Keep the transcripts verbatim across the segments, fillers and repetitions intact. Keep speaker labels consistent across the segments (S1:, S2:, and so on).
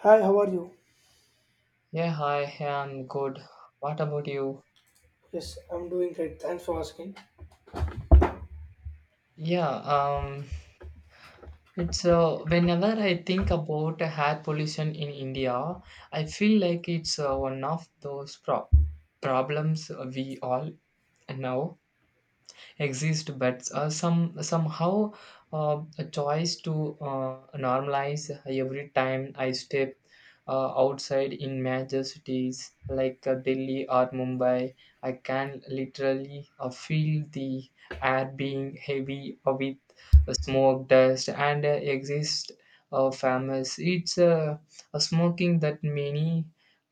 S1: Hi, how are you?
S2: Yeah, hi, hey, I'm good. What about you?
S1: Yes, I'm doing great. Thanks for asking.
S2: Yeah, um, it's uh, Whenever I think about air pollution in India, I feel like it's uh, one of those pro- problems we all know exist but uh, some somehow uh, a choice to uh, normalize every time I step uh, outside in major cities like uh, delhi or mumbai I can literally uh, feel the air being heavy uh, with uh, smoke dust and uh, exist uh, famous it's uh, a smoking that many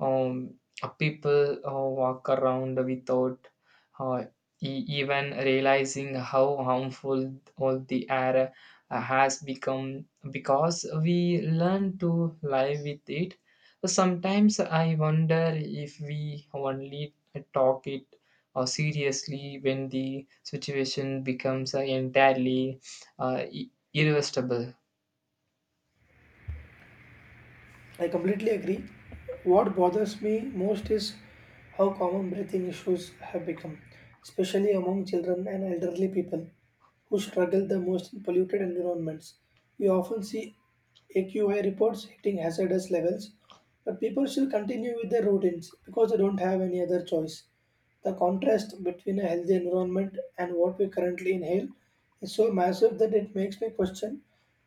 S2: um, uh, people uh, walk around without uh, e- even realizing how harmful all the air uh, has become because we learn to live with it. So sometimes I wonder if we only talk it or seriously when the situation becomes uh, entirely uh, i- irreversible.
S1: I completely agree. What bothers me most is how common breathing issues have become, especially among children and elderly people who struggle the most in polluted environments. We often see A Q I reports hitting hazardous levels, but people still continue with their routines because they don't have any other choice. The contrast between a healthy environment and what we currently inhale is so massive that it makes me question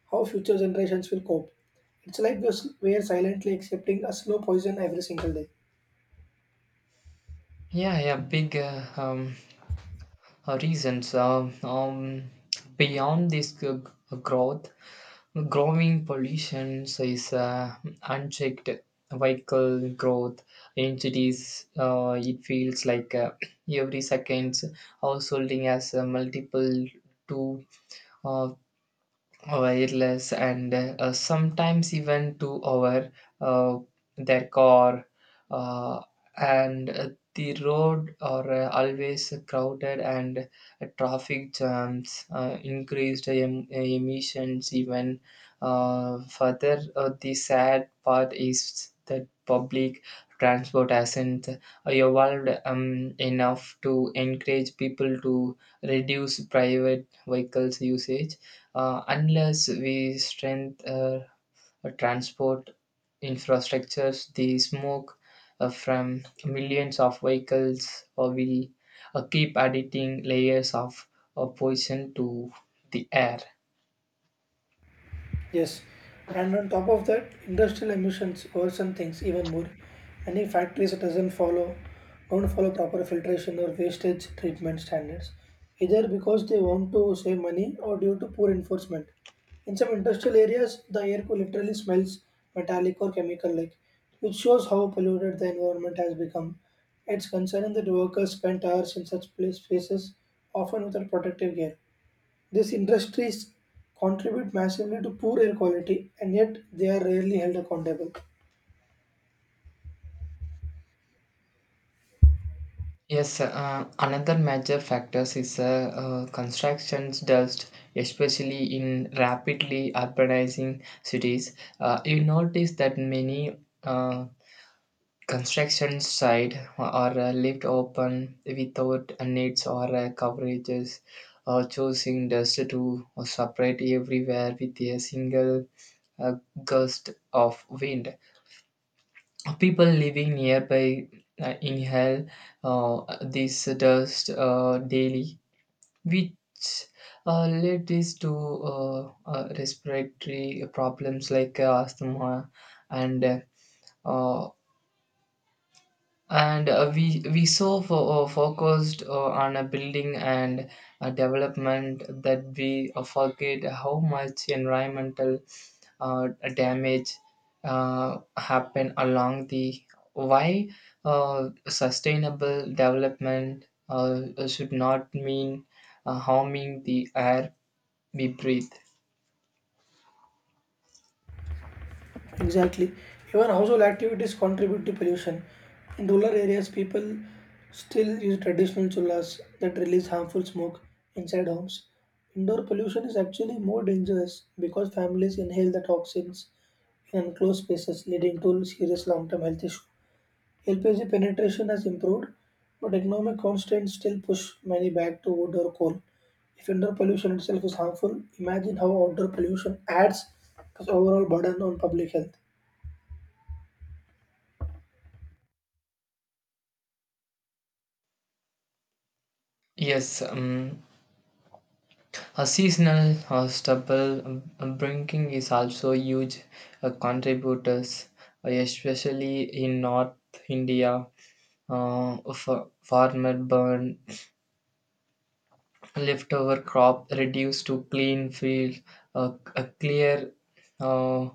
S1: how future generations will cope. It's like we were silently accepting a slow poison every single day.
S2: Yeah yeah big uh, um, Uh, reasons um, um, beyond this g- g- growth growing pollution so is uh, unchecked vehicle growth in cities. Uh, it feels like uh, every second householding has uh, multiple two uh, wireless and uh, sometimes even to our uh, their car uh, and uh, the road are uh, always crowded and uh, traffic jams uh, increased em- emissions even uh, further. Uh, the sad part is that public transport hasn't evolved um, enough to encourage people to reduce private vehicles usage. Uh, unless we strengthen uh, transport infrastructures, the smoke uh, from millions of vehicles uh, will uh, keep adding layers of uh, poison to the air.
S1: Yes, and on top of that, industrial emissions worsen things even more. Many factories doesn't follow don't follow proper filtration or wastage treatment standards, either because they want to save money or due to poor enforcement. In some industrial areas, the air cool literally smells metallic or chemical-like, which shows how polluted the environment has become. It's concerning that workers spend hours in such place- spaces, often without protective gear. These industries contribute massively to poor air quality and yet they are rarely held accountable.
S2: Yes, uh, another major factors is uh, uh, constructions dust, especially in rapidly urbanizing cities. Uh, you notice that many uh, construction site are uh, left open without nets or uh, coverages or choosing dust to separate everywhere with a single uh, gust of wind. People living nearby uh, inhale uh, this dust uh, daily, which uh, leads to uh, uh, respiratory problems like uh, asthma and uh, and uh, we we so fo- uh, focused uh, on a building and a development that we uh, forget how much environmental uh, damage uh, happen along the why. Uh, sustainable development uh, should not mean uh, harming the air we breathe.
S1: Exactly. Even household activities contribute to pollution. In rural areas, people still use traditional chullas that release harmful smoke inside homes. Indoor pollution is actually more dangerous because families inhale the toxins in enclosed spaces, leading to serious long term health issues. L P G penetration has improved, but economic constraints still push many back to wood or coal. If indoor pollution itself is harmful, imagine how outdoor pollution adds to the overall burden on public health.
S2: yes um, A seasonal uh, stubble uh, breaking is also huge uh, contributors, uh, especially in North India. Uh, f- farmer burn leftover crop reduced to clean field, a, a clear uh,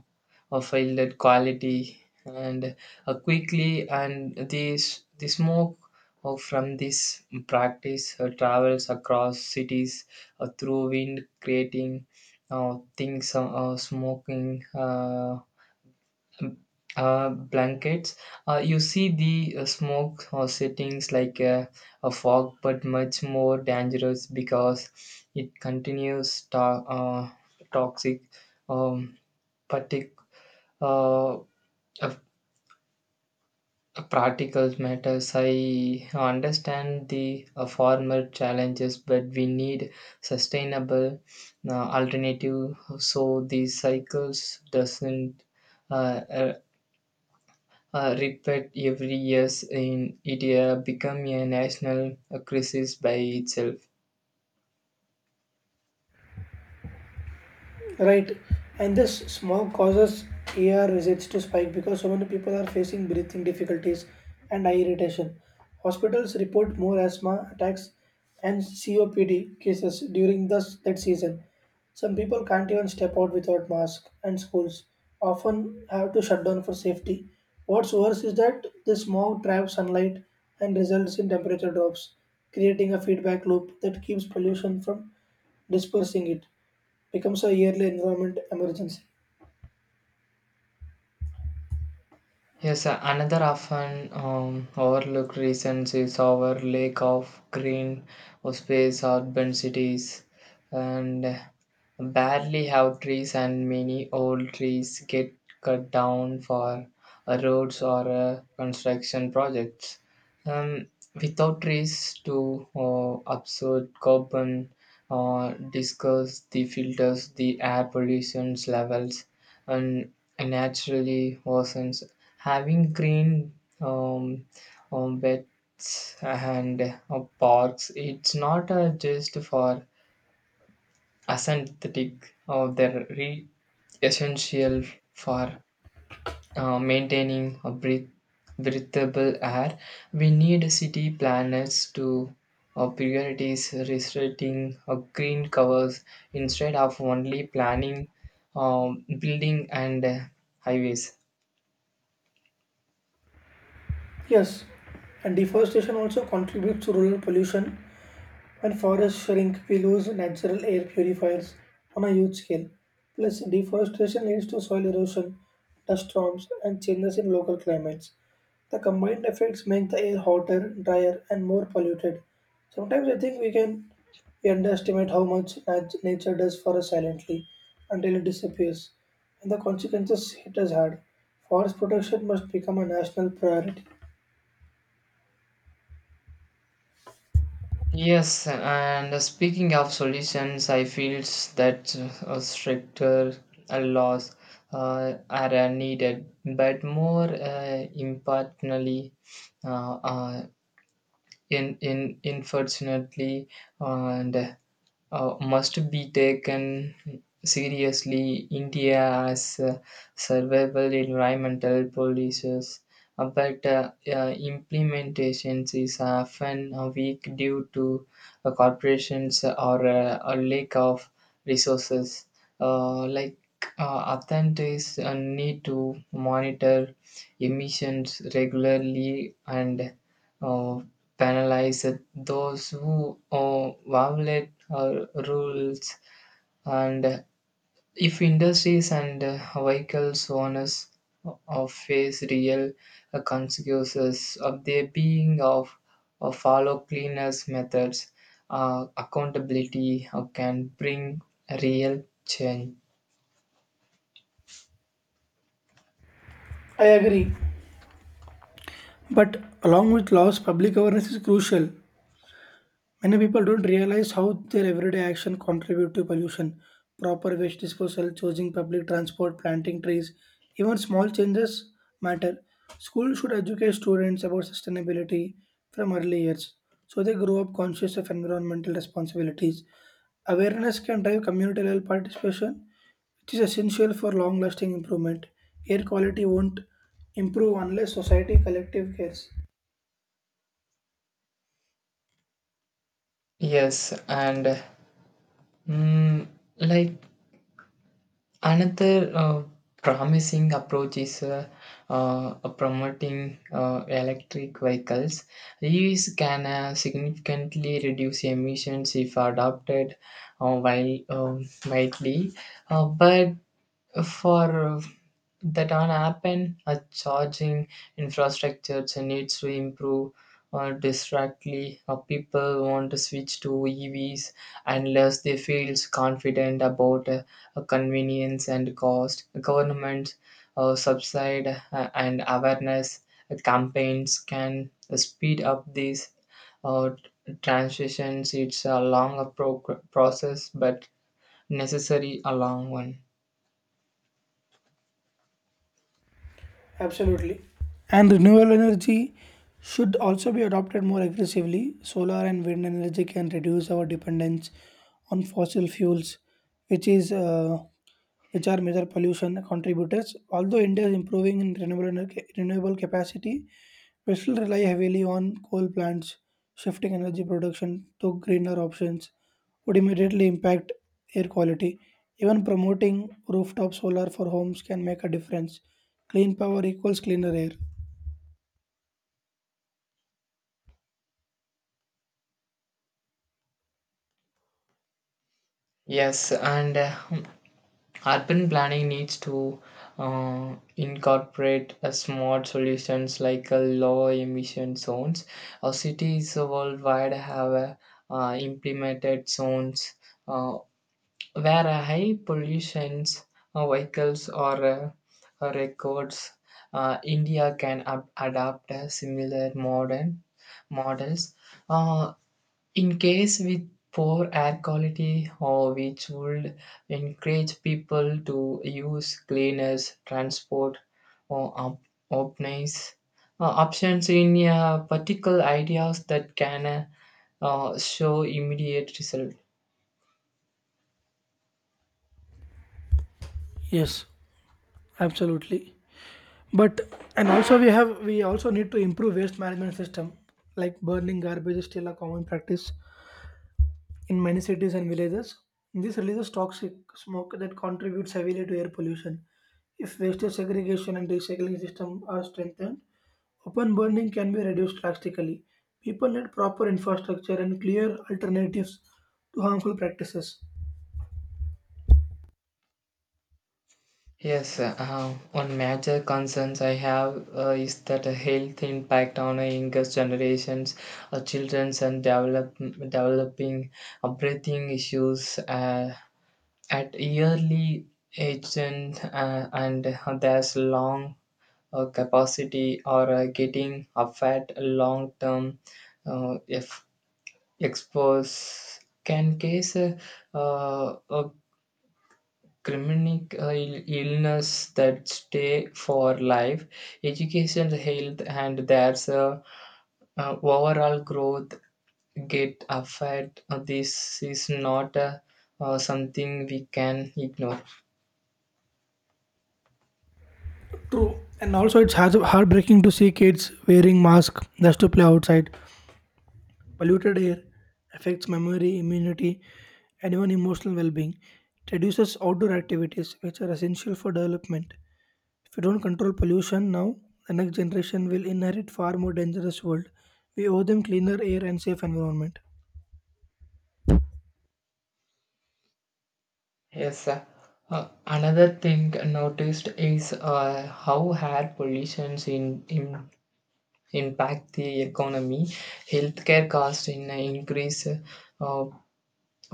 S2: a fielded quality, and uh, quickly and this the smoke uh, from this practice uh, travels across cities uh, through wind, creating uh, things uh, uh, smoking. Uh, uh, blankets. Uh, you see the uh, smoke uh, settings like a, a fog, but much more dangerous because it continues to- uh, toxic um, partic- uh, uh, particles matters. I understand the uh, former challenges, but we need sustainable uh, alternative so the cycles doesn't uh, uh, repeat every year in India become a national crisis by itself.
S1: Right, and this smog causes air visits to spike because so many people are facing breathing difficulties and eye irritation. Hospitals report more asthma attacks and C O P D cases during this that season. Some people can't even step out without mask, and schools often have to shut down for safety. What's worse is that the smog traps sunlight and results in temperature drops, creating a feedback loop that keeps pollution from dispersing. It becomes a yearly environment emergency.
S2: Yes, uh, another often um, overlooked reason is our lack of green or space urban cities and barely have trees and many old trees get cut down for uh, roads or uh, construction projects. Um, Without trees to uh, absorb carbon or discuss the filters, the air pollution levels and naturally worsens. Having green um, um, beds and uh, parks it's not uh, just for aesthetic. Uh, they're re- essential for uh, maintaining a breath- breathable air. We need city planners to uh, priorities restricting uh, green covers instead of only planning um, building and uh, highways.
S1: Yes, and deforestation also contributes to rural pollution. When forests shrink, we lose natural air purifiers on a huge scale. Plus, deforestation leads to soil erosion, dust storms, and changes in local climates. The combined effects make the air hotter, drier, and more polluted. Sometimes I think we can we underestimate how much nat- nature does for us silently until it disappears, and the consequences hit us hard. Forest protection must become a national priority.
S2: Yes, and speaking of solutions, I feel that uh, stricter uh, laws uh, are uh, needed, but more uh, importantly, uh, uh, in in unfortunately, and uh, must be taken seriously. India has uh, survival environmental policies, uh, but uh, uh, implementation is often uh, weak due to uh, corporations or uh, a lack of resources. Uh, like uh, authorities uh, need to monitor emissions regularly and uh, penalize those who uh, violate uh, rules. And if industries and uh, vehicles owners uh, face real uh, consequences of their being of, of follow cleaners methods, uh, accountability uh, can bring real change.
S1: I agree, but along with laws, public awareness is crucial. Many people don't realize how their everyday action contribute to pollution. Proper waste disposal, choosing public transport, planting trees, even small changes matter. Schools should educate students about sustainability from early years so they grow up conscious of environmental responsibilities. Awareness can drive community level participation, which is essential for long lasting improvement. Air quality won't improve unless society collective cares.
S2: Yes and mm, like Another uh, promising approach is uh, uh, promoting uh, electric vehicles. These can uh, significantly reduce emissions if adopted uh, while um, widely, uh, but for uh, that are happen a charging infrastructure needs to improve uh, directly. Uh, people want to switch to evs unless they feel confident about uh, uh, convenience and cost. Government uh, subside uh, and awareness uh, campaigns can speed up these uh, transitions. It's a longer pro- process but necessary a long one.
S1: Absolutely. And renewable energy should also be adopted more aggressively. Solar and wind energy can reduce our dependence on fossil fuels, which is uh, which are major pollution contributors. Although India is improving in renewable energy, renewable capacity, we still rely heavily on coal plants, shifting energy production to greener options would immediately impact air quality. Even promoting rooftop solar for homes can make a difference. Clean power equals cleaner air.
S2: Yes, and uh, urban planning needs to uh, incorporate uh, smart solutions like uh, low emission zones. Uh, cities worldwide have uh, uh, implemented zones uh, where uh, high pollutions uh, vehicles or uh, uh, records. Uh, India can ab- adapt uh, similar modern models. Uh, in case with poor air quality, or which would encourage people to use cleaners, transport, or op- options, uh, options in uh, particular ideas that can uh, show immediate result.
S1: Yes, absolutely. But and also we have We also need to improve waste management system. Like, burning garbage is still a common practice in many cities and villages. This releases toxic smoke that contributes heavily to air pollution. If waste segregation and recycling systems are strengthened, open burning can be reduced drastically. People need proper infrastructure and clear alternatives to harmful practices.
S2: Yes, uh, one major concerns I have uh, is that a health impact on a younger generations, uh, children, and develop, developing uh, breathing issues. Uh, at yearly age and, uh, and there's long uh, capacity or uh, getting a fat long term. Uh, if expose can cause uh, uh, a chronic uh, ill- illness that stay for life. Education health and there's a uh, overall growth get affected. Uh, this is not uh, uh, something we can ignore.
S1: True, and also it's has- heartbreaking to see kids wearing masks just to play outside. Polluted air affects memory, immunity, and even emotional well being. It reduces outdoor activities, which are essential for development. If we don't control pollution now, the next generation will inherit far more dangerous world. We owe them cleaner air and safe environment.
S2: Yes, sir. Uh, another thing noticed is uh, how air pollutions in, in impact the economy. Healthcare costs in uh, increase, uh,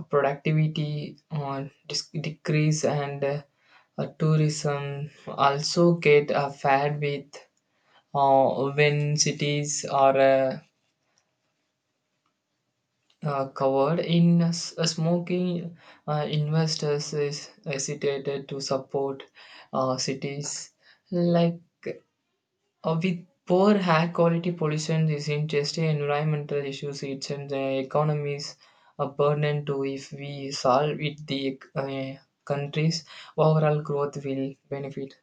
S2: productivity on dis- decrease, and uh, uh, tourism also get affected with uh, when cities are uh, uh, covered in s- uh, smoking. Uh, investors is hesitated to support uh, cities like uh, with poor air quality. Pollution isn't just a environmental issues it's an uh, economy's a burden too. If we solve it the uh, country's overall growth will benefit.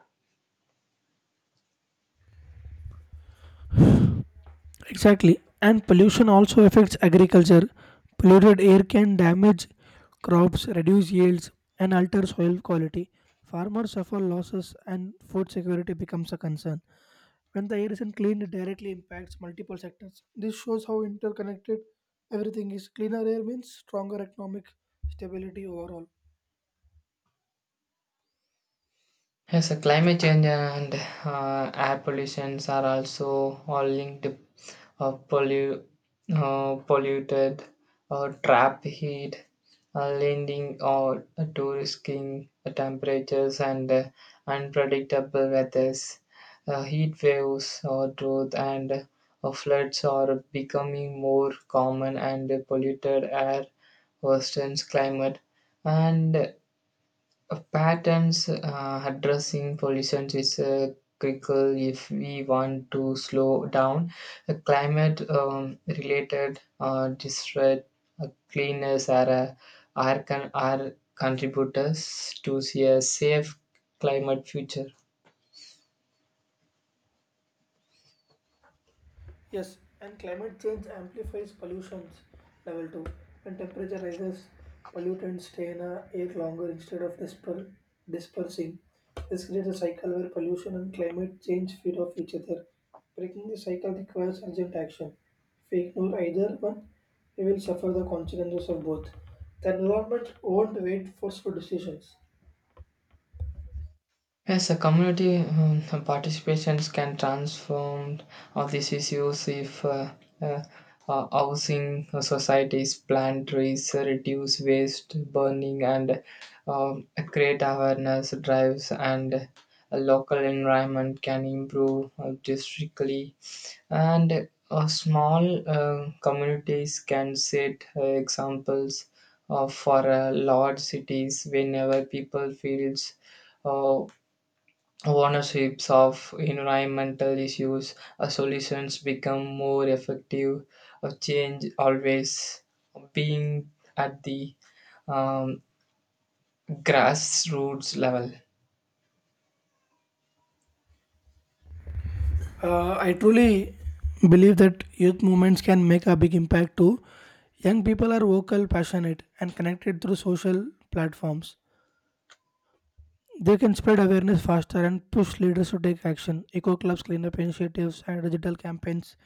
S1: Exactly. And pollution also affects agriculture. Polluted air can damage crops, reduce yields, and alter soil quality. Farmers suffer losses and food security becomes a concern. When the air isn't clean, it directly impacts multiple sectors. This shows how interconnected everything is. Cleaner air means stronger economic stability overall.
S2: Yes, uh, climate change and uh, air pollutions are also all linked. Uh, pollu- uh, Polluted, uh, trap heat, uh, lending or to risking temperatures and uh, unpredictable weathers. Uh, heat waves, uh, drought, and uh, floods are becoming more common, and polluted air worsens climate. And uh, Patterns uh, addressing pollution is uh, critical if we want to slow down uh, climate um, related uh, distress. Uh, cleaners are, uh, are, con- are contributors to see a safe climate future.
S1: Yes, and climate change amplifies pollutions level two. When temperature rises, pollutants stay in a air longer instead of disper- dispersing. This creates a cycle where pollution and climate change feed off each other. Breaking the cycle requires urgent action. If we ignore either one, we will suffer the consequences of both. The environment won't wait for slow decisions.
S2: Yes, a community um, participations can transform all these issues if uh, uh, uh, housing uh, societies plant trees, uh, reduce waste burning, and um, create awareness drives, and a local environment can improve uh, districtly. And uh, small uh, communities can set uh, examples uh, for uh, large cities whenever people feels uh, ownerships of environmental issues. Uh, solutions become more effective, uh, change always being at the um, grassroots level.
S1: Uh, I truly believe that youth movements can make a big impact too. Young people are vocal, passionate, and connected through social platforms. They can spread awareness faster and push leaders to take action. Eco clubs, cleanup initiatives, and digital campaigns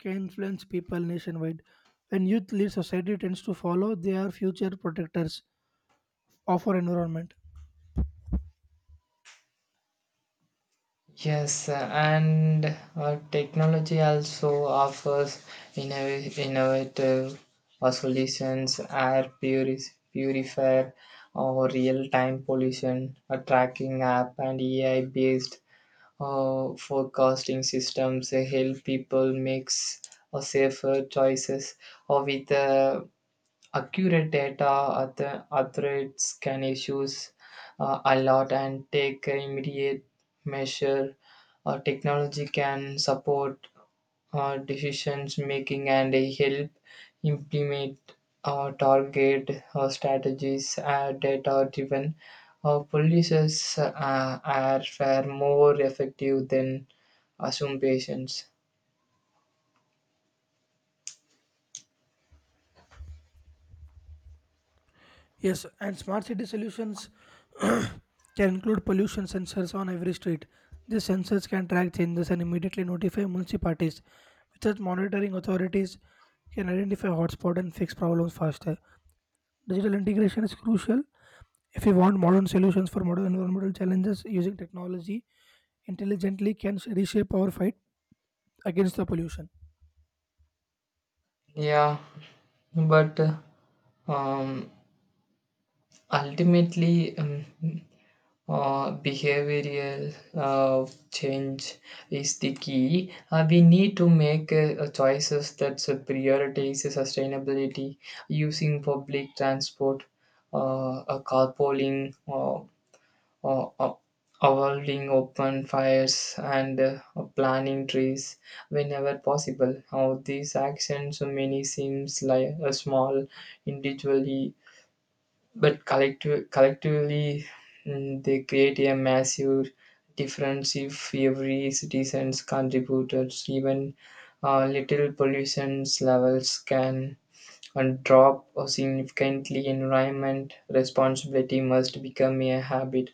S1: can influence people nationwide. When youth lead, society tends to follow. They are future protectors of our environment.
S2: Yes, uh, and uh, technology also offers innov- innovative uh, solutions, air puris- purifier or real-time pollution a tracking app and A I-based Uh, forecasting systems uh, help people make s- uh, safer choices or with uh, accurate data other athletes can issues uh, a lot and take immediate measure. Uh, technology can support uh, decisions making and help implement uh, target uh, strategies. Uh, data driven uh, policies uh, are far more effective than assumptions.
S1: Yes, and smart city solutions can include pollution sensors on every street. These sensors can track changes and immediately notify municipalities. Without monitoring, authorities can identify hotspots and fix problems faster. Digital integration is crucial if we want modern solutions for modern environmental challenges. Using technology intelligently can reshape our fight against the pollution.
S2: Yeah but uh, um, Ultimately um, uh, behavioral uh, change is the key. Uh, we need to make uh, uh, choices that uh, prioritize sustainability using public transport, uh, uh, carpooling, uh, uh, uh, avoiding open fires, and uh, uh, planting trees whenever possible. How these actions, many seems like a small individually but collective, collectively mm, they create a massive difference if every citizen's contributed even uh, little pollution levels can and drop or significantly environment responsibility must become a habit.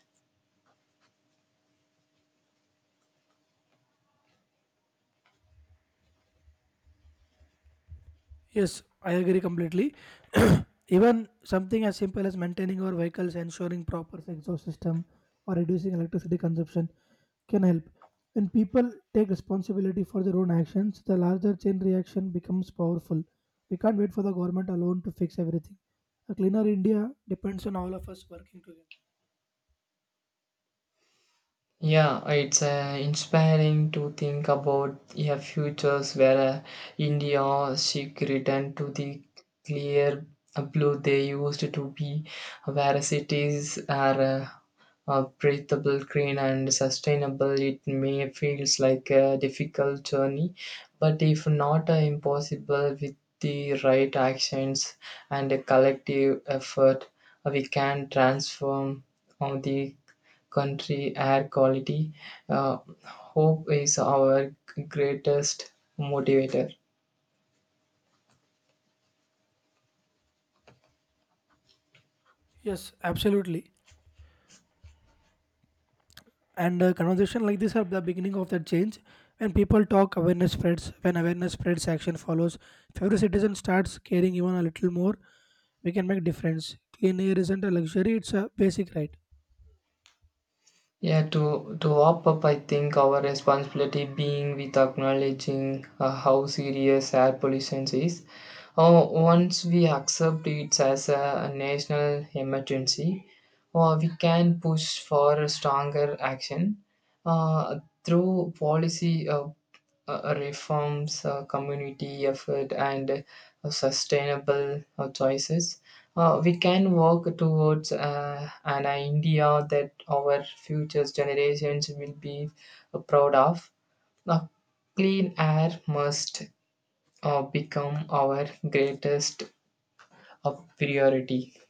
S1: Yes, I agree completely. Even something as simple as maintaining our vehicles, ensuring proper exhaust system, or reducing electricity consumption can help. When people take responsibility for their own actions, the larger chain reaction becomes powerful. We can't wait for the government alone to fix everything. A cleaner India depends on all of us working together.
S2: Yeah, it's uh, inspiring to think about a futures where uh, India should return to the clear blue they used to be, where cities are uh, uh, breathable, green, and sustainable. It may feels like a difficult journey, but if not uh, impossible, with the right actions and a collective effort, uh, we can transform on the country air quality. Uh, Hope is our greatest motivator.
S1: Yes, absolutely. and uh, conversation like this are the beginning of that change. When people talk, awareness spreads. When awareness spreads, action follows. If every citizen starts caring even a little more, we can make difference. Clean air isn't a luxury, it's a basic right.
S2: Yeah, to, to wrap up, I think our responsibility being with acknowledging uh, how serious air pollution is. Oh, once we accept it as a, a national emergency, uh, we can push for a stronger action uh, through policy uh, uh, reforms, uh, community effort, and uh, sustainable uh, choices, uh, we can work towards uh, an India that our future generations will be uh, proud of. Now, clean air must uh, become our greatest uh, priority.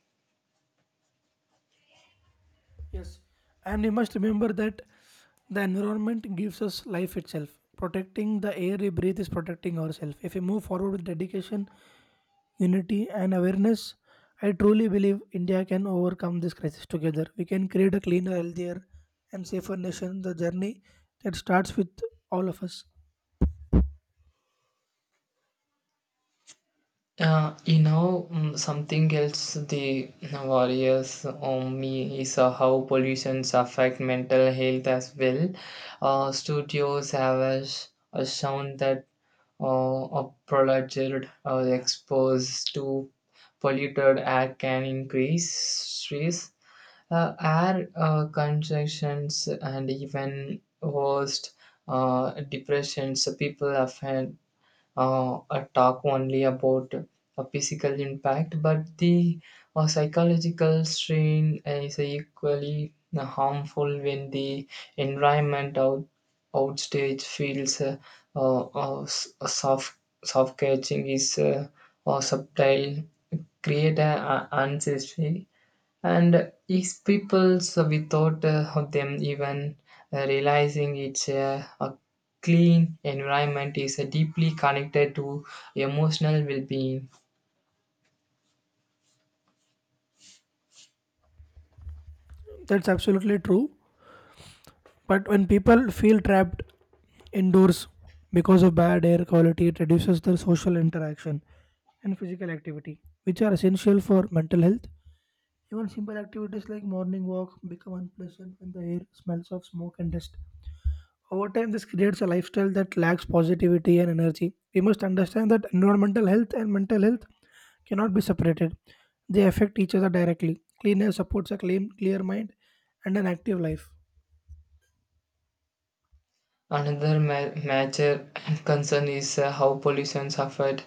S1: Yes, and we must remember that the environment gives us life itself. Protecting the air we breathe is protecting ourselves. If we move forward with dedication, unity, and awareness, I truly believe India can overcome this crisis together. We can create a cleaner, healthier, and safer nation. The journey that starts with all of us.
S2: Uh, you know, mm, something else the worries on me is uh, how pollutions affect mental health as well. Uh, studios have as- uh, shown that uh, a prolonged uh, exposed to polluted air can increase stress, uh, air uh, congestions, and even worst uh, depressions. So people often uh, a talk only about a physical impact, but the uh, psychological strain is equally harmful when the environment out, outstage feels uh, uh, uh, s- soft, soft catching is uh, uh, subtle, create an ancestry and is so without uh, of them even uh, realizing it's a, a clean environment is uh, deeply connected to emotional well-being.
S1: That's absolutely true. But when people feel trapped indoors because of bad air quality, it reduces their social interaction and physical activity, which are essential for mental health. Even simple activities like morning walk become unpleasant when the air smells of smoke and dust. Over time, this creates a lifestyle that lacks positivity and energy. We must understand that environmental health and mental health cannot be separated. They affect each other directly. Clean air supports a clean, clear mind and an active life.
S2: Another ma- major concern is uh, how pollution affect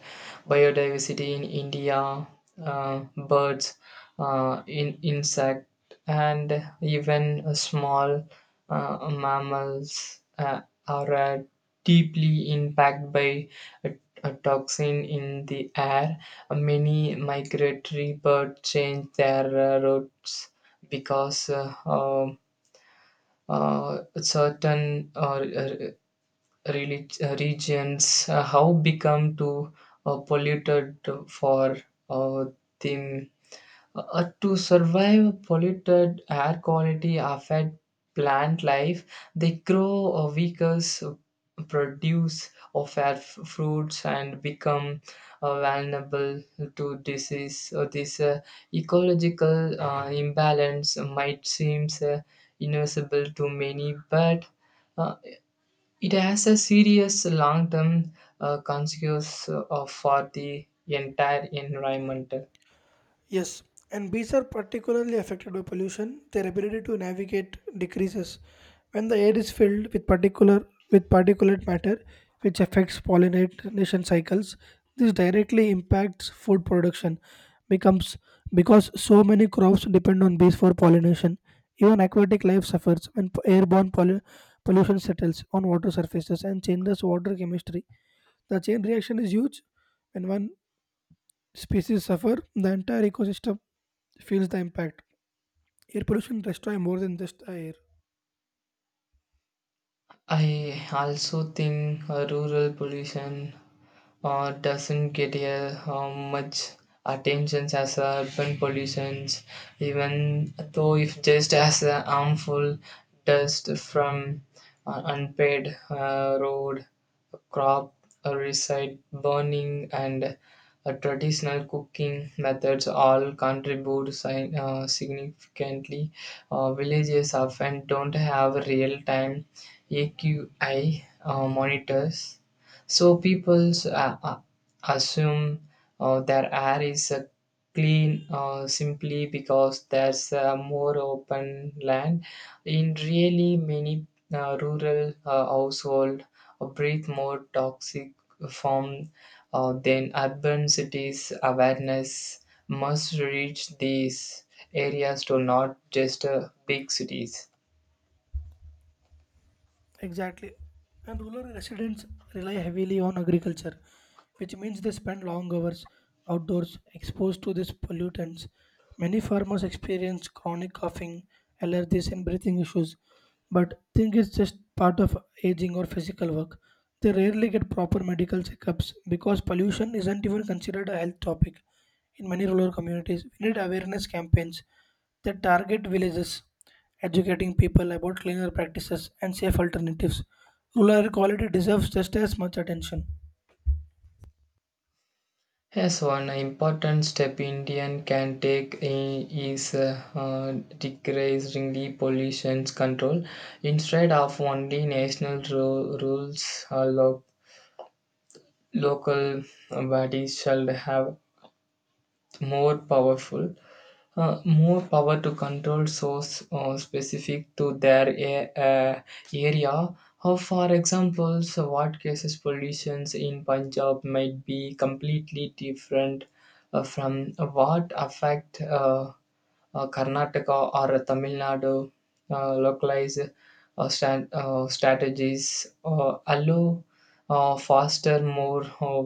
S2: biodiversity in India, uh, birds, uh, in insect, and even uh, small uh, mammals uh, are uh, deeply impacted by a, a toxin in the air. Uh, Many migratory birds change their uh, routes because uh, um, uh, certain uh, relig- regions uh, have become too uh, polluted for uh, them uh, to survive. Polluted air quality affect plant life. They grow uh, weaker so produce of air f- fruits and become uh, vulnerable to disease. So this uh, ecological uh, imbalance might seem uh, invincible to many but uh, it has a serious long term uh, consequence uh, for the entire environment.
S1: Yes, and bees are particularly affected by pollution. Their ability to navigate decreases when the air is filled with particular with particulate matter, which affects pollination cycles. This directly impacts food production, becomes because so many crops depend on bees for pollination. Even aquatic life suffers when p- airborne pollu- pollution settles on water surfaces and changes water chemistry. The chain reaction is huge. When one species suffer, the entire ecosystem feels the impact. Air pollution destroys more than just the air.
S2: I also think uh, rural pollution uh, doesn't get a, uh, much attention as uh, urban pollution, even though if just as uh, harmful dust from uh, unpaid uh, road crop recite burning and uh, traditional cooking methods all contribute sign uh, significantly. Uh, villages often don't have real time A Q I uh, monitors, so people uh, uh, assume uh, their air is uh, clean uh, simply because there's uh, more open land. In really many uh, rural uh, households, breathe more toxic form, uh, then urban cities awareness must reach these areas to not just uh, big cities.
S1: Exactly. And rural residents rely heavily on agriculture, which means they spend long hours outdoors exposed to these pollutants. Many farmers experience chronic coughing, allergies, and breathing issues, but think it's just part of aging or physical work. They rarely get proper medical checkups because pollution isn't even considered a health topic. In many rural communities, we need awareness campaigns that target villages educating people about cleaner practices and safe alternatives. Rural air quality deserves just as much attention.
S2: Yes, one important step Indian can take i- is uh, uh, decreasing the pollution control. Instead of only national ru- rules, uh, lo- local bodies shall have more powerful uh, more power to control source uh, specific to their a- uh, area. How, for example, so what cases pollutions in Punjab might be completely different uh, from what affect uh, uh, Karnataka or Tamil Nadu. Uh, localized uh, stan- uh, strategies uh, allow uh, faster, more uh,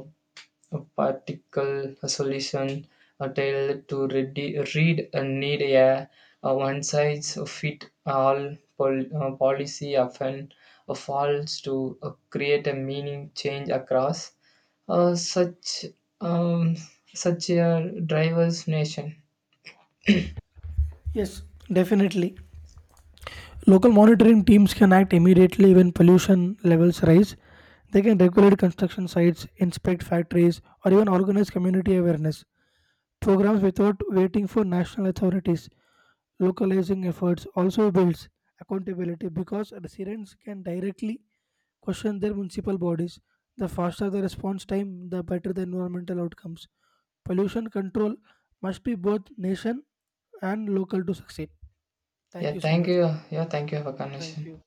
S2: a particle a solution a tailored to ready, read and need a, a one size fit all pol- uh, policy often uh, falls to uh, create a meaning change across uh, such um, such a driver's nation.
S1: Yes, definitely. Local monitoring teams can act immediately when pollution levels rise. They can regulate construction sites, inspect factories, or even organize community awareness programs without waiting for national authorities. Localizing efforts also builds accountability because residents can directly question their municipal bodies. The faster the response time, the better the environmental outcomes. Pollution control must be both nation and local to succeed. Thank
S2: Yeah,
S1: you so
S2: thank
S1: much.
S2: you. Yeah, thank you for
S1: Thank
S2: connection.
S1: you.